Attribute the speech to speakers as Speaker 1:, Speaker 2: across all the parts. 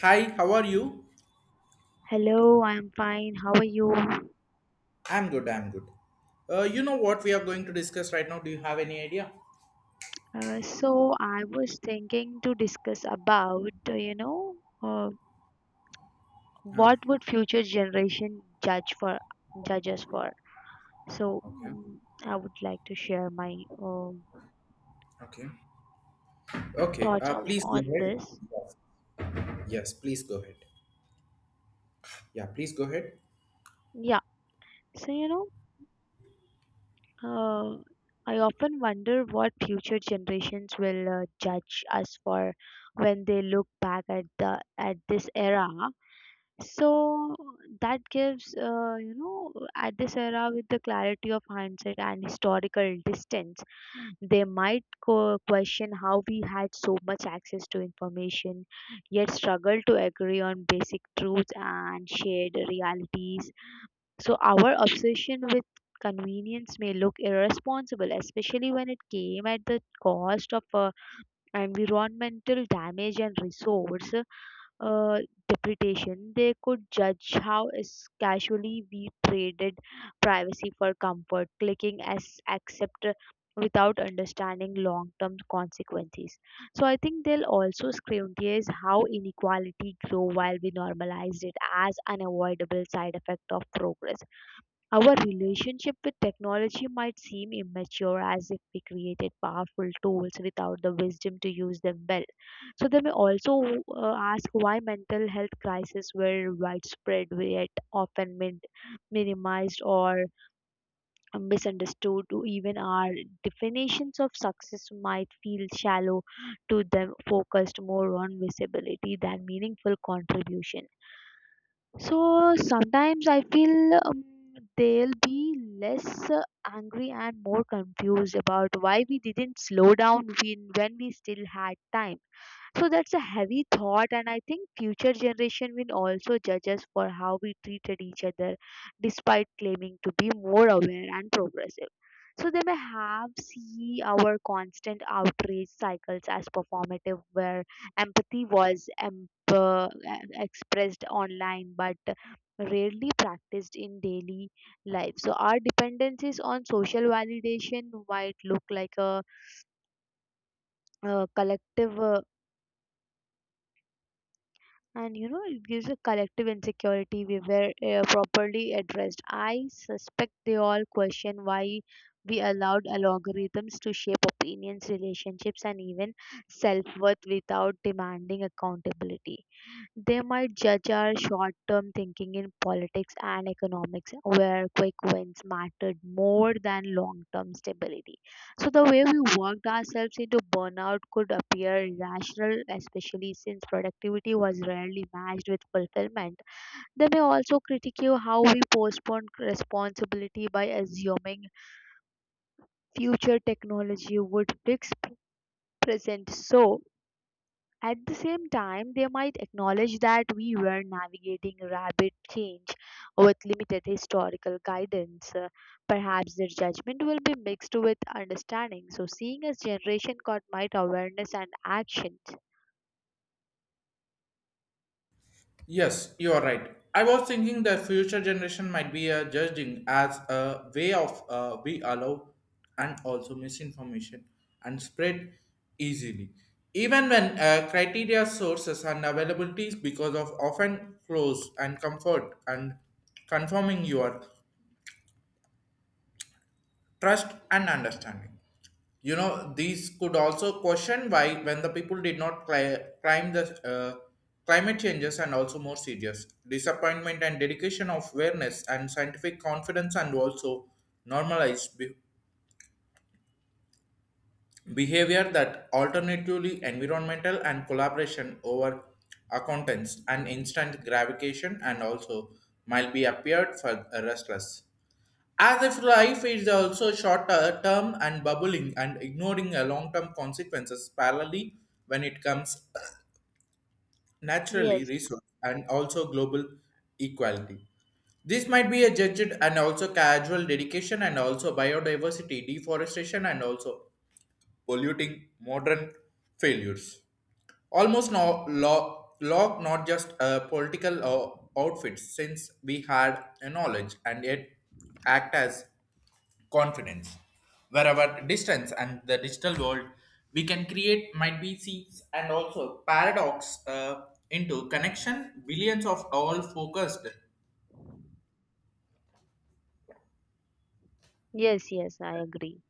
Speaker 1: Hi, how are you?
Speaker 2: Hello, I'm fine. How are you? Uh,
Speaker 1: I'm good, I'm good. You know what we are going to discuss right now? Do you have any idea?
Speaker 2: so I was thinking to discuss about, uh,
Speaker 1: Ah,
Speaker 2: what would future generation judge us for. So
Speaker 1: okay,
Speaker 2: mm, I would like to share my um
Speaker 1: okay, okay.
Speaker 2: thoughts on,
Speaker 1: Please go
Speaker 2: on
Speaker 1: ahead.
Speaker 2: this.
Speaker 1: Yes, yes, please go ahead. Yeah, please go ahead.
Speaker 2: Yeah. So uh, I often wonder what future generations will judge us for when they look back at the at this era. So that gives, at this era with the clarity of hindsight and historical distance, they might question how we had so much access to information, yet struggled to agree on basic truths and shared realities. So our obsession with convenience may look irresponsible, especially when it came at the cost of environmental damage and resource uh, depreciation. They could judge how is casually we traded privacy for comfort, clicking as accept without understanding long-term consequences. So I think they'll also scrutinize how inequality grow while we normalize it as unavoidable side effect of progress. Our relationship with technology might seem immature as if we created powerful tools without the wisdom to use them well. So they may also ask why mental health crises were widespread yet often minimized or misunderstood. Even our definitions of success might feel shallow to them, focused more on visibility than meaningful contribution. So sometimes I feel they'll be less angry and more confused about why we didn't slow down when we still had time. So that's a heavy thought, and I think future generation will also judge us for how we treated each other, despite claiming to be more aware and progressive. So they may have see our constant outrage cycles as performative, where empathy was expressed online but rarely practiced in daily life. So our dependencies on social validation might look like a collective. And you know it gives a collective insecurity we were properly addressed. I suspect they all question why we allowed algorithms to shape opinions, relationships and even self-worth without demanding accountability. They might judge our short term thinking in politics and economics, where quick wins mattered more than long term stability. So the way we worked ourselves into burnout could appear irrational, especially since productivity was rarely matched with fulfillment. They may also critique how we postponed responsibility by assuming future technology would fix present. So at the same time, they might acknowledge that we were navigating rapid change with limited historical guidance. Perhaps their judgment will be mixed with understanding. So, seeing as generation got might awareness and actions.
Speaker 1: Yes, you are right. I was thinking the future generation might be judging as a way of we allow and also misinformation and spread easily, even when criteria sources and availabilities because of often close and comfort and confirming your trust and understanding, you know, these could also question why when the people did not climb the uh, climate changes and also more serious disappointment and dedication of awareness and scientific confidence and also normalized behavior that alternatively environmental and collaboration over accountants and instant gravitation and also might be appeared for restless as if life is also shorter term and bubbling and ignoring a long term consequences parallelly when it comes naturally
Speaker 2: Yes,
Speaker 1: resource and also global equality. This might be a judged and also casual dedication and also biodiversity deforestation and also polluting modern failures. Almost no law, law not just political outfits since we had a knowledge and yet act as confidence. Where our distance and the digital world, we can create might be seeds and also paradox into connection. Billions of all focused
Speaker 2: yes, yes, I agree.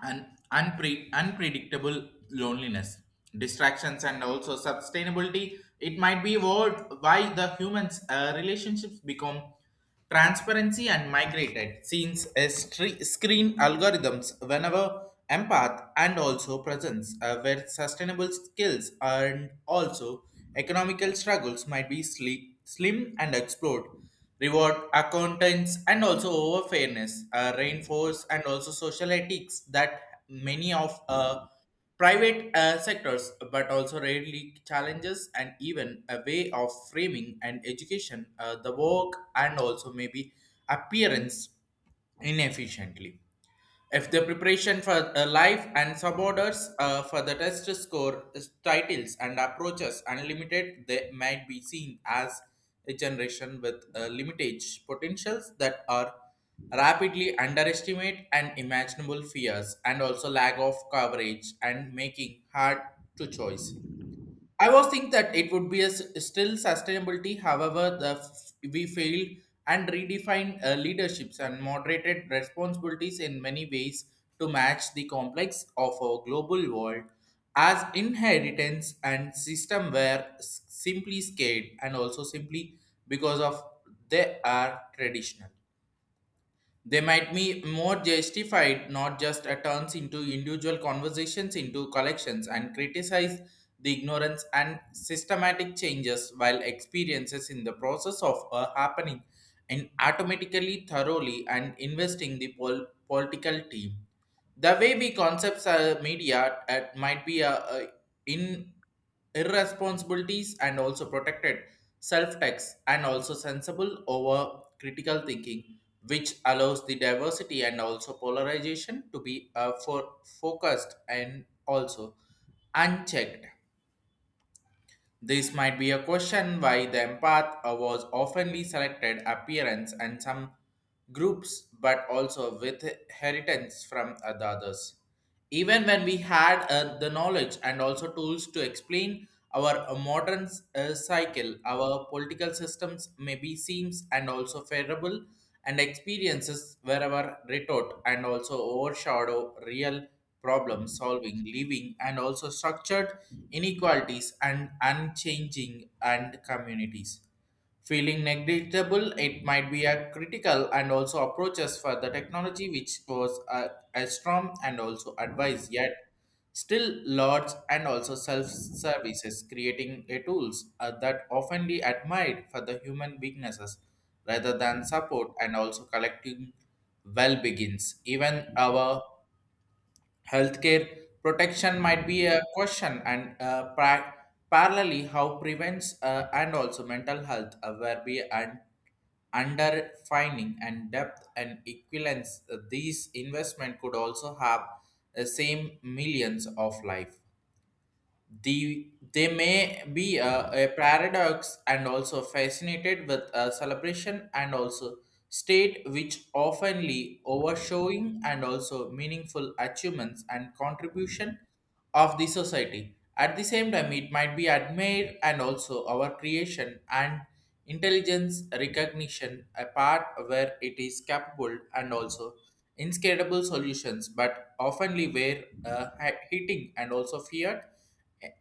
Speaker 1: and unpredictable loneliness, distractions, and also sustainability. It might be what why the humans' relationships become transparency and migrated since a screen algorithms whenever empath and also presence where sustainable skills and also economical struggles might be slim and explored reward accountants and also over fairness reinforce and also social ethics that many of private sectors but also rarely challenges and even a way of framing and education the work and also maybe appearance inefficiently if the preparation for life and suborders for the test score is titles and approaches unlimited, they might be seen as a generation with limited potentials that are rapidly underestimate and imaginable fears and also lack of coverage and making hard to choice. I was think that it would be a still sustainability. However, we failed and redefined leaderships and moderated responsibilities in many ways to match the complex of our global world as inheritance and system were simply scared and also simply because of they are traditional. They might be more justified, not just a turns into individual conversations into collections and criticize the ignorance and systematic changes while experiences in the process of a happening and automatically thoroughly and investing the political team. The way we concepts media at might be in irresponsibilities and also protected self-text and also sensible over critical thinking which allows the diversity and also polarization to be for focused and also unchecked. This might be a question why the empath was oftenly selected appearance and some groups, but also with inheritance from the others. Even when we had the knowledge and also tools to explain our modern cycle, our political systems may be seems and also favorable and experiences wherever retort and also overshadow real problem solving, living, and also structured inequalities and unchanging and communities. Feeling negligible, it might be a critical and also approaches for the technology which was a strong and also advice yet still, lords and also self-services creating a tools that often be admired for the human weaknesses rather than support and also collective well begins. Even our healthcare protection might be a question and parallelly how prevents and also mental health where we and underfining and depth and equivalence these investment could also have the same millions of life. The they may be a paradox and also fascinated with a celebration and also state which oftenly overshowing and also meaningful achievements and contribution of the society. At the same time, it might be admired and also our creation and intelligence recognition a part where it is capable and also inscalable solutions but oftenly where hitting and also feared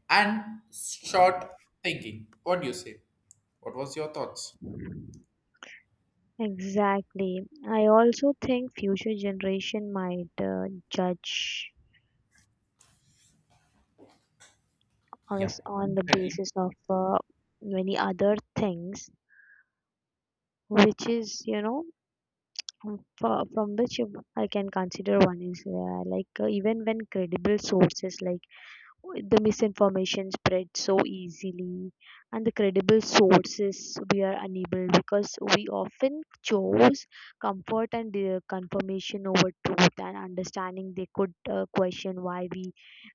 Speaker 1: and short thinking. What do you say? What was your thoughts?
Speaker 2: Exactly. I also think future generation might judge
Speaker 1: Yeah,
Speaker 2: us on the
Speaker 1: exactly.
Speaker 2: basis of many other things, which is, you know, from which I can consider one is like even when credible sources like the misinformation spreads so easily and the credible sources we are unable because we often chose comfort and confirmation over truth and understanding. They could question why we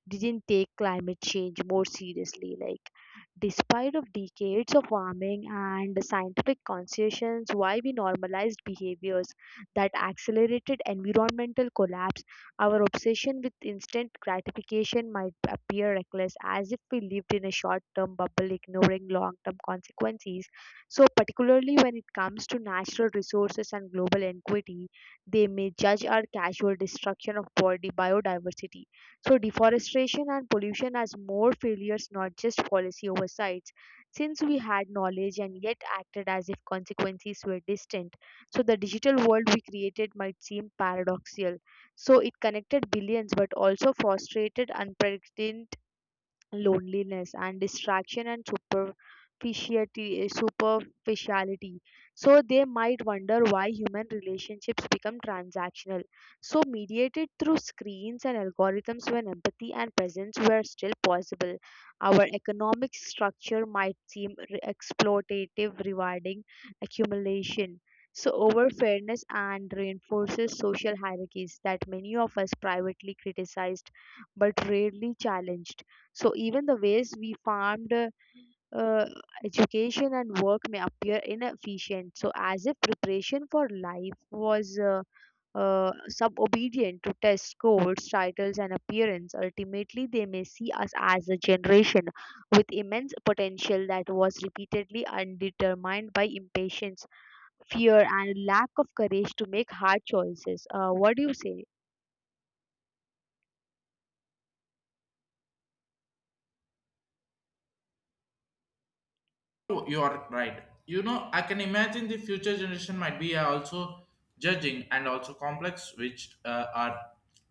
Speaker 2: didn't take climate change more seriously, like despite of decades of warming and scientific conscience why we normalized behaviors that accelerated environmental collapse. Our obsession with instant gratification might appear reckless, as if we lived in a short term bubble, ignoring long term consequences. So, particularly when it comes to natural resources and global equity, they may judge our casual destruction of body biodiversity. So, deforestation and pollution as more failures, not just policy oversights, since we had knowledge and yet acted as if consequences were distant. So the digital world we created might seem paradoxical, so it connected billions but also frustrated unprecedented loneliness and distraction and superficiality. So they might wonder why human relationships become transactional, so mediated through screens and algorithms when empathy and presence were still possible. Our economic structure might seem exploitative, rewarding accumulation so over fairness and reinforces social hierarchies that many of us privately criticized but rarely challenged. So even the ways we farmed uh, education and work may appear inefficient. So as if preparation for life was subobedient to test scores, titles, and appearance. Ultimately, they may see us as a generation with immense potential that was repeatedly undetermined by impatience, fear, and lack of courage to make hard choices. What do you say?
Speaker 1: You are right. You know, I can imagine the future generation might be also judging and also complex, which are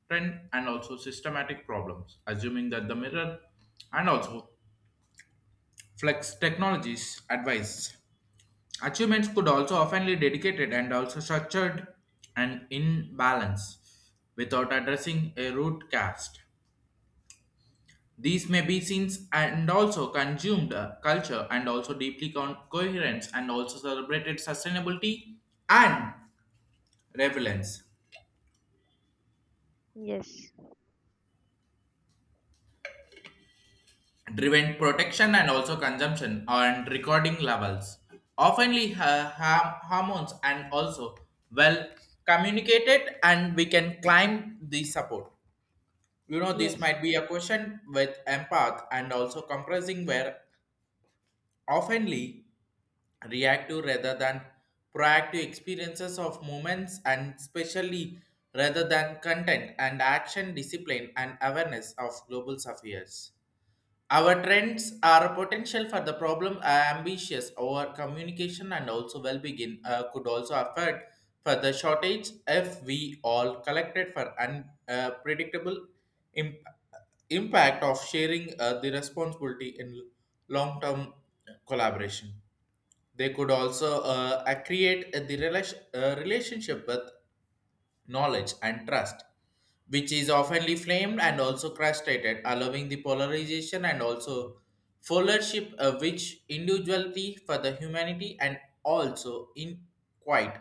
Speaker 1: trend and also systematic problems, assuming that the mirror and also flex technologies advice. Achievements could also often be dedicated and also structured and in balance without addressing a root cause. These may be seen and also consumed culture and also deeply coherence and also celebrated sustainability and relevance
Speaker 2: Yes.
Speaker 1: driven protection and also consumption and recording levels oftenly hormones and also well communicated and we can climb the support. You know, this
Speaker 2: Yes.
Speaker 1: might be a question with empath and also compressing where oftenly reactive rather than proactive experiences of moments and especially rather than content and action discipline and awareness of global affairs. Our trends are potential for the problem are ambitious. Our communication and also well-being could also affect for the shortage if we all collected for unpredictable imp- impact of sharing the responsibility in long-term collaboration. They could also create the relationship with knowledge and trust, which is oftenly flamed and also castrated, allowing the polarization and also followership, which individuality for the humanity and also in quite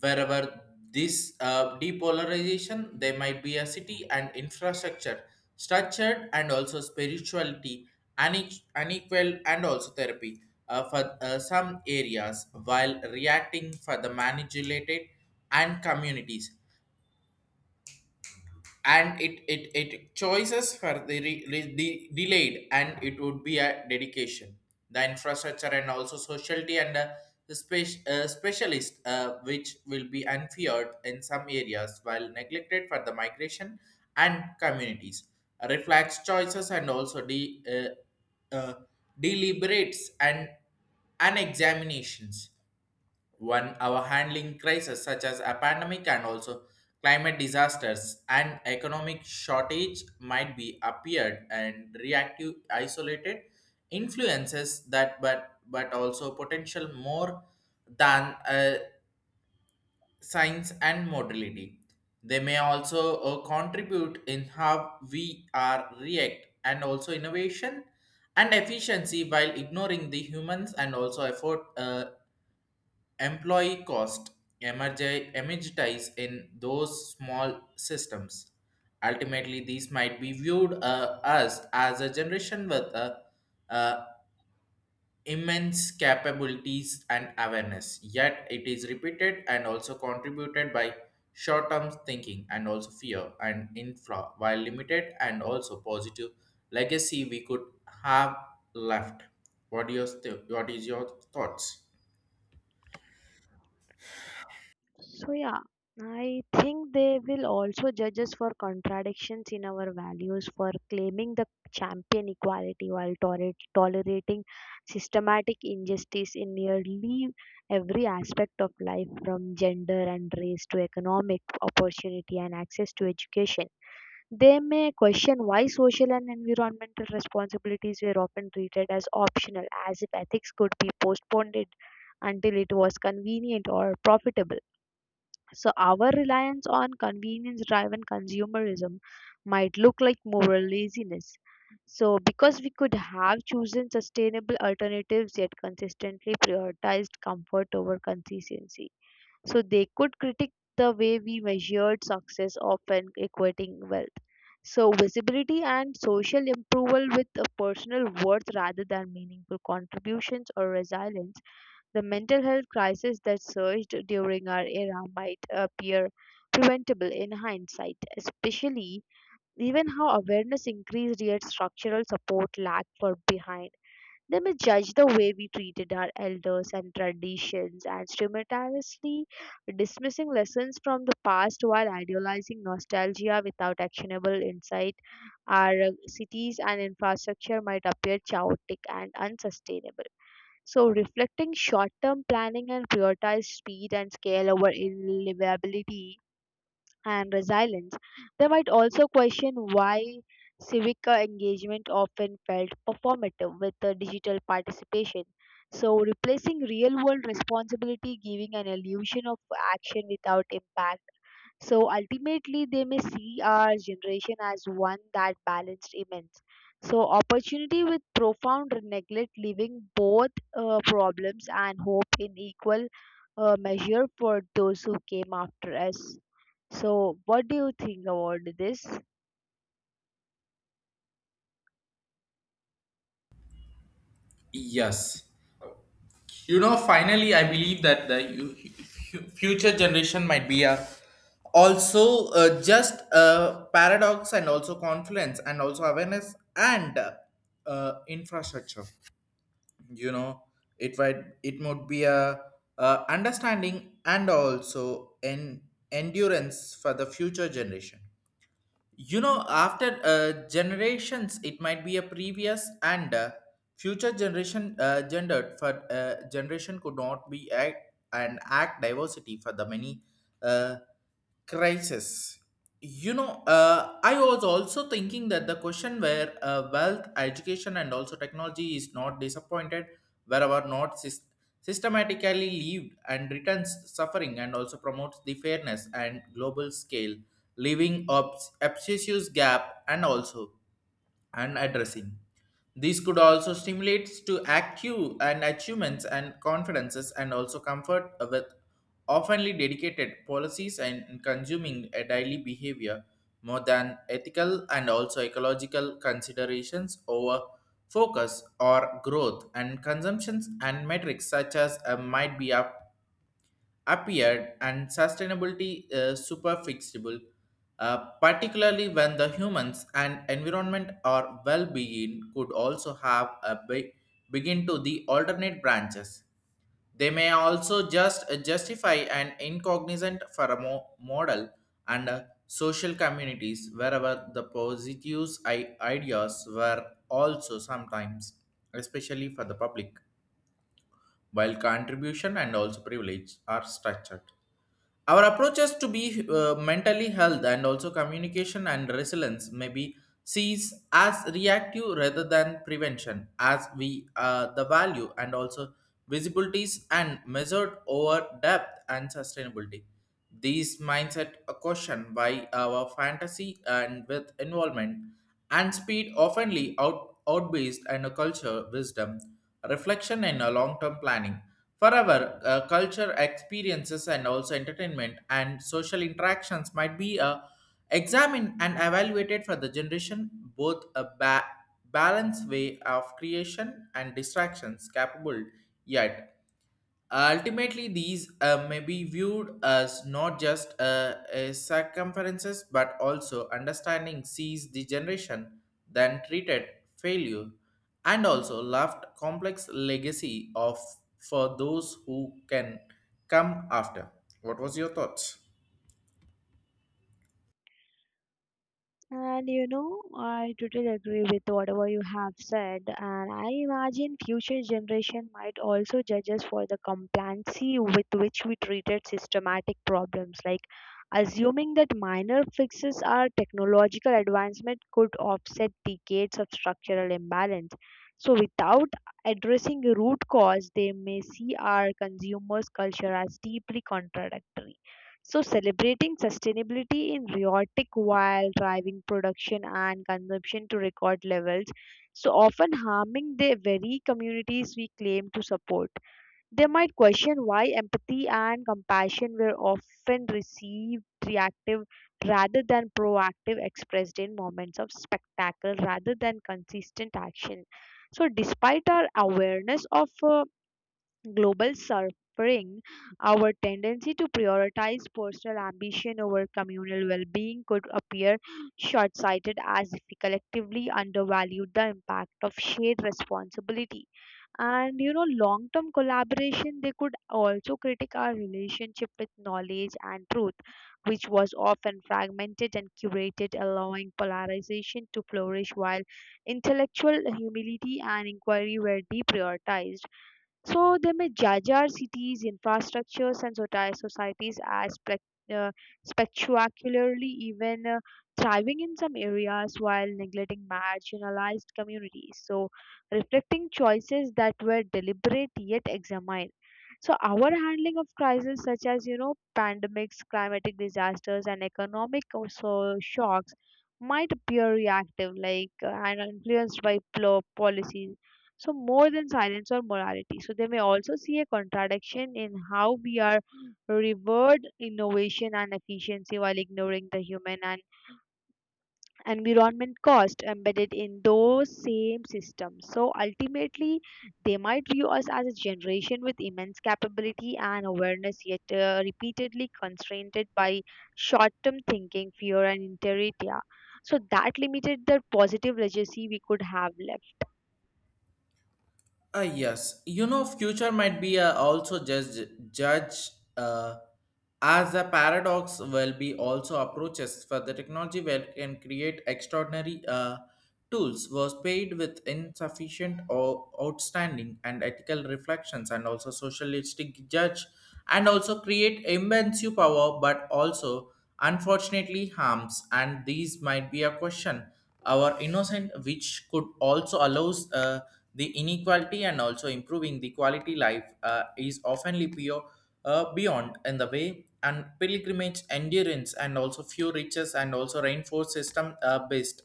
Speaker 1: wherever this depolarization there might be a city and infrastructure structured and also spirituality unequal and also therapy for some areas while reacting for the manipulated and communities. And it choices for the delayed and it would be a dedication. The infrastructure and also sociality and the specialist which will be unfeared in some areas while neglected for the migration and communities reflects choices and also uh, uh, deliberates and examinations. One, our handling crises such as a pandemic and also climate disasters and economic shortage might be appeared and reactive isolated influences that but also potential more than science and modality. They may also contribute in how we are react and also innovation and efficiency while ignoring the humans and also effort employee cost emergitize in those small systems. Ultimately, these might be viewed as as a generation with uh, immense capabilities and awareness, yet it is repeated and also contributed by short-term thinking and also fear and infra, while limited and also positive legacy we could have left. What, what is your thoughts?
Speaker 2: So yeah, I think they will also judge us for contradictions in our values, for claiming the champion equality while tolerating systematic injustice in nearly every aspect of life, from gender and race to economic opportunity and access to education. They may question why social and environmental responsibilities were often treated as optional, as if ethics could be postponed until it was convenient or profitable. So our reliance on convenience driven consumerism might look like moral laziness. So because we could have chosen sustainable alternatives yet consistently prioritized comfort over consistency. So they could critique the way we measured success, often equating wealth. So visibility and social approval with a personal worth rather than meaningful contributions or resilience. The mental health crisis that surged during our era might appear preventable in hindsight, especially even how awareness increased yet structural support lagged for behind. They may judge the way we treated our elders and traditions and simultaneously dismissing lessons from the past while idealizing nostalgia without actionable insight. Our cities and infrastructure might appear chaotic and unsustainable. So, reflecting short term planning and prioritize speed and scale over livability and resilience, they might also question why civic engagement often felt performative with digital participation. So, replacing real world responsibility, giving an illusion of action without impact. So ultimately, they may see our generation as one that balanced immense. So opportunity with profound neglect, leaving both problems and hope in equal measure for those who came after us. So, what do you think about this?
Speaker 1: Yes. You know, finally, I believe that the future generation might be a also just a paradox and also confluence and also awareness and infrastructure. You know, it would be a, understanding and also an endurance for the future generation. You know, after generations, it might be a previous and future generation gendered for generation could not be act and act diversity for the many. Uh, Crisis, you know, I was also thinking that the question where wealth education and also technology is not disappointed wherever not systematically lived and returns suffering and also promotes the fairness and global scale leaving obsessive gap and also and addressing. These could also stimulate to active and achievements and confidences and also comfort with oftenly dedicated policies and consuming a daily behavior more than ethical and also ecological considerations over focus or growth and consumptions and metrics such as might be up appeared and sustainability super particularly when the humans and environment or well-being could also have a big begin to the alternate branches. They may also just justify an incognizant for a model and social communities wherever the positive ideas were also sometimes, especially for the public, while contribution and also privilege are structured. Our approaches to be mentally health and also communication and resilience may be sees as reactive rather than prevention, as we the value and also visibilities and measured over depth and sustainability. These mindset a question why our fantasy and with involvement and speed oftenly out outbased and a culture wisdom, reflection and a long-term planning. Forever, culture experiences and also entertainment and social interactions might be examined and evaluated for the generation both a balanced way of creation and distractions capable yet ultimately, these may be viewed as not just circumferences but also understanding sees the generation then treated failure and also left complex legacy of for those who can come after. What was your thoughts?
Speaker 2: And you know, I totally agree with whatever you have said. And I imagine future generation might also judge us for the complacency with which we treated systematic problems, like assuming that minor fixes or technological advancement could offset decades of structural imbalance. So without addressing the root cause, they may see our consumers' culture as deeply contradictory. So, celebrating sustainability in Riotic while driving production and consumption to record levels, so often harming the very communities we claim to support. They might question why empathy and compassion were often received reactive rather than proactive, expressed in moments of spectacle rather than consistent action. So, despite our awareness of global suffering, our tendency to prioritize personal ambition over communal well being could appear short sighted as if we collectively undervalued the impact of shared responsibility. And you know, long term collaboration, they could also critique our relationship with knowledge and truth, which was often fragmented and curated, allowing polarization to flourish while intellectual humility and inquiry were deprioritized. So they may judge cities, infrastructures, and societies as uh, spectacularly even thriving in some areas while neglecting marginalized communities. So reflecting choices that were deliberate yet examined. So our handling of crises such as you know pandemics, climatic disasters, and economic also shocks might appear reactive, like and influenced by policies, so more than silence or morality. So they may also see a contradiction in how we are revered innovation and efficiency while ignoring the human and environment cost embedded in those same systems. So, ultimately, they might view us as a generation with immense capability and awareness, yet repeatedly constrained by short term thinking, fear, and inertia. So that limited the positive legacy we could have left.
Speaker 1: Yes, you know, future might be also judge uh, as a paradox will be also approaches for the technology where can create extraordinary tools was paid with insufficient or outstanding and ethical reflections and also socialistic judge and also create immense power but also unfortunately harms and these might be a question our innocent which could also allows the inequality and also improving the quality life is oftenly pure beyond in the way and pilgrimage endurance and also few riches and also reinforced system based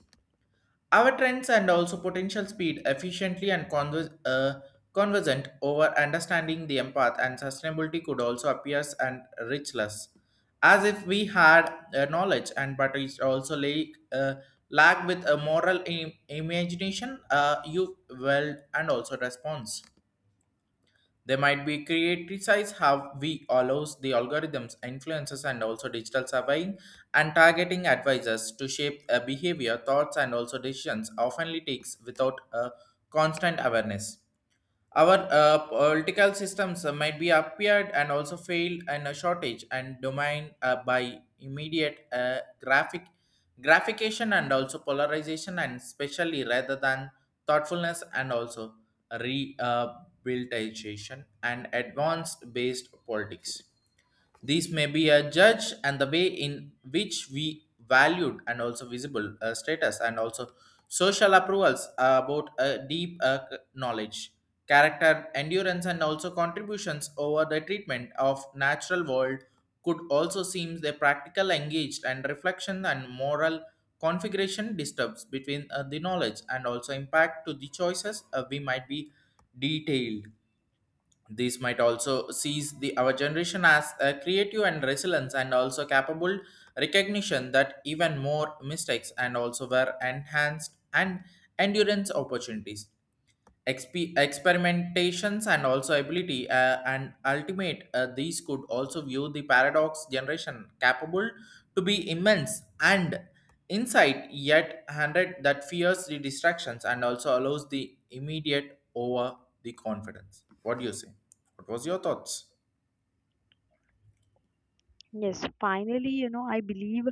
Speaker 1: our trends and also potential speed efficiently and convergent over understanding the empath and sustainability could also appear and richless, as if we had knowledge and but it also lack with a moral imagination, you well and also response. They might be criticize how we allows the algorithms, influences, and also digital surveying and targeting advisors to shape a behavior, thoughts, and also decisions often takes without a constant awareness. Our political systems might be appeared and also failed and a shortage and domain by immediate graphication and also polarization and especially rather than thoughtfulness and also rehabilitation and advanced based politics. These may be a judge and the way in which we valued and also visible status and also social approvals about a deep knowledge, character, endurance, and also contributions over the treatment of natural world could also seem the practical engaged and reflection and moral configuration disturbs between the knowledge and also impact to the choices we might be detailed. These might also seize the our generation as creative and resilient and also capable recognition that even more mistakes and also were enhanced and endurance opportunities experimentations and also ability and ultimate these could also view the paradox generation capable to be immense and insight yet hundred that fears the distractions and also allows the immediate over the confidence. What do you say? What was your thoughts?
Speaker 2: Yes, finally, you know, I believe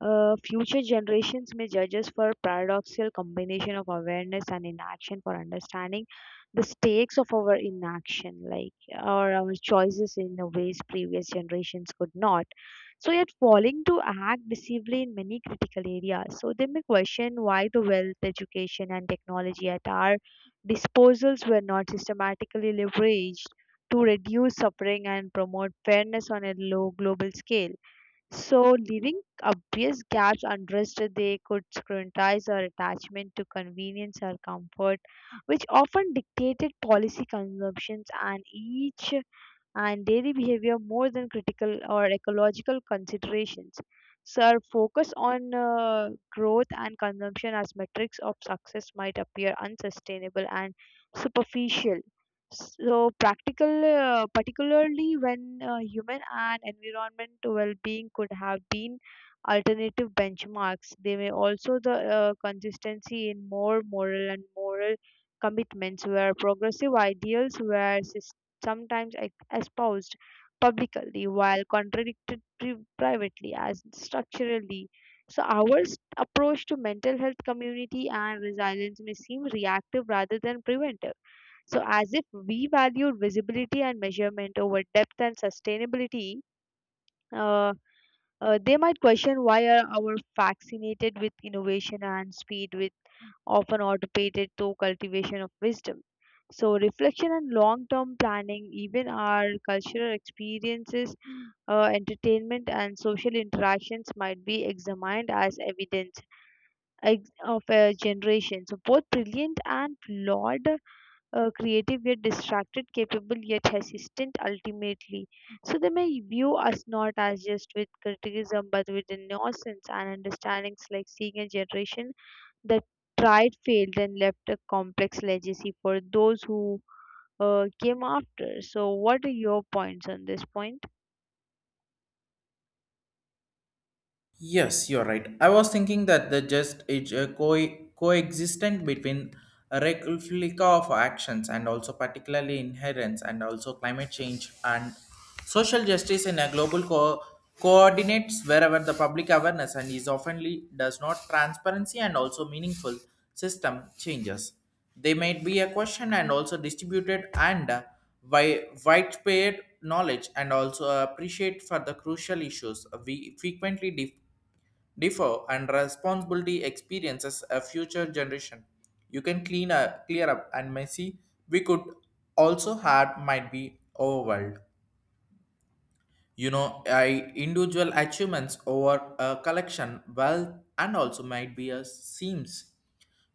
Speaker 2: future generations may judge us for paradoxical combination of awareness and inaction for understanding the stakes of our inaction, like or our choices in the ways previous generations could not. So yet falling to act decisively in many critical areas. So they may question why the wealth, education and technology at our disposals were not systematically leveraged to reduce suffering and promote fairness on a low global scale. So, leaving obvious gaps unaddressed, they could scrutinize our attachment to convenience or comfort, which often dictated policy consumptions and each and daily behavior more than critical or ecological considerations. So our focus on growth and consumption as metrics of success might appear unsustainable and superficial, so practical, particularly when human and environment well-being could have been alternative benchmarks. They may also the consistency in more moral and moral commitments where progressive ideals were sometimes espoused publicly while contradicted privately as structurally. So our approach to mental health community and resilience may seem reactive rather than preventive, so as if we valued visibility and measurement over depth and sustainability. uh, they might question why are our fascinated with innovation and speed, with often automated to cultivation of wisdom. So, reflection and long-term planning, even our cultural experiences, entertainment, and social interactions might be examined as evidence of a generation. So, both brilliant and flawed, creative yet distracted, capable yet hesitant ultimately. So they may view us not as just with criticism but with innocence and understandings like seeing a generation that tried, failed, and left a complex legacy for those who came after. So, what are your points on this point?
Speaker 1: Yes, you're right. I was thinking that the just is a coexistent between a replica of actions and also particularly inherence and also climate change and social justice in a global coordinates wherever the public awareness and is oftenly does not transparency and also meaningful system changes. They might be a question and also distributed and widespread knowledge and also appreciate for the crucial issues we frequently differ and responsibility experiences a future generation. You can clean up, clear up and messy. We could also had might be overwhelmed. You know, I individual achievements over a collection wealth and also might be a seams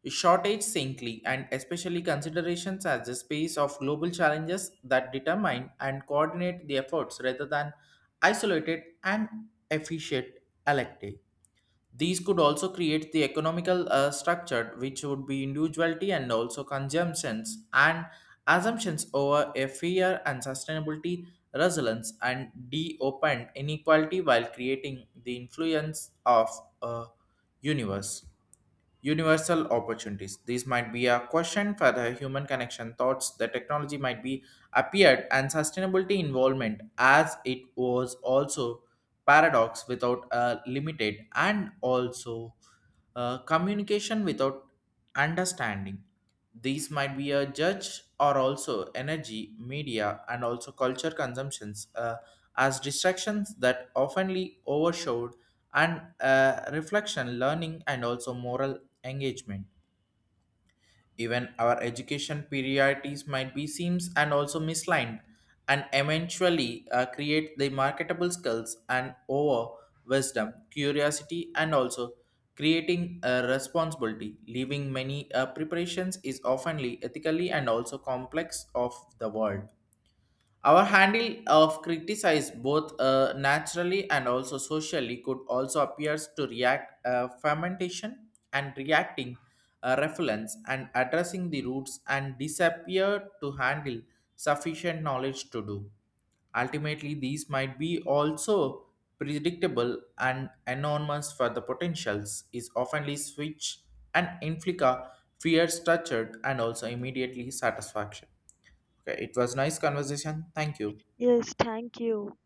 Speaker 1: shortage saintly and especially considerations as the space of global challenges that determine and coordinate the efforts rather than isolated and efficient elective. These could also create the economical structure, which would be individuality and also consumptions and assumptions over a fair and sustainability resilience and de-opened inequality while creating the influence of a universe universal opportunities. This might be a question for the human connection thoughts. The technology might be appeared and sustainability involvement as it was also paradox without a limited and also communication without understanding. These might be a judge or also energy, media, and also culture consumptions as distractions that oftenly overshadowed and reflection, learning, and also moral engagement. Even our education priorities might be seems and also misaligned, and eventually create the marketable skills and over wisdom, curiosity, and also creating a responsibility. Leaving many preparations is oftenly ethically and also complex of the world. Our handle of criticize both naturally and also socially could also appears to react fermentation and reacting reference and addressing the roots and disappear to handle sufficient knowledge to do. Ultimately, these might be also predictable and enormous for the potentials is oftenly switch and inflica fear structured and also immediately satisfaction. Okay, it was nice conversation. Thank you.
Speaker 2: Yes, thank you.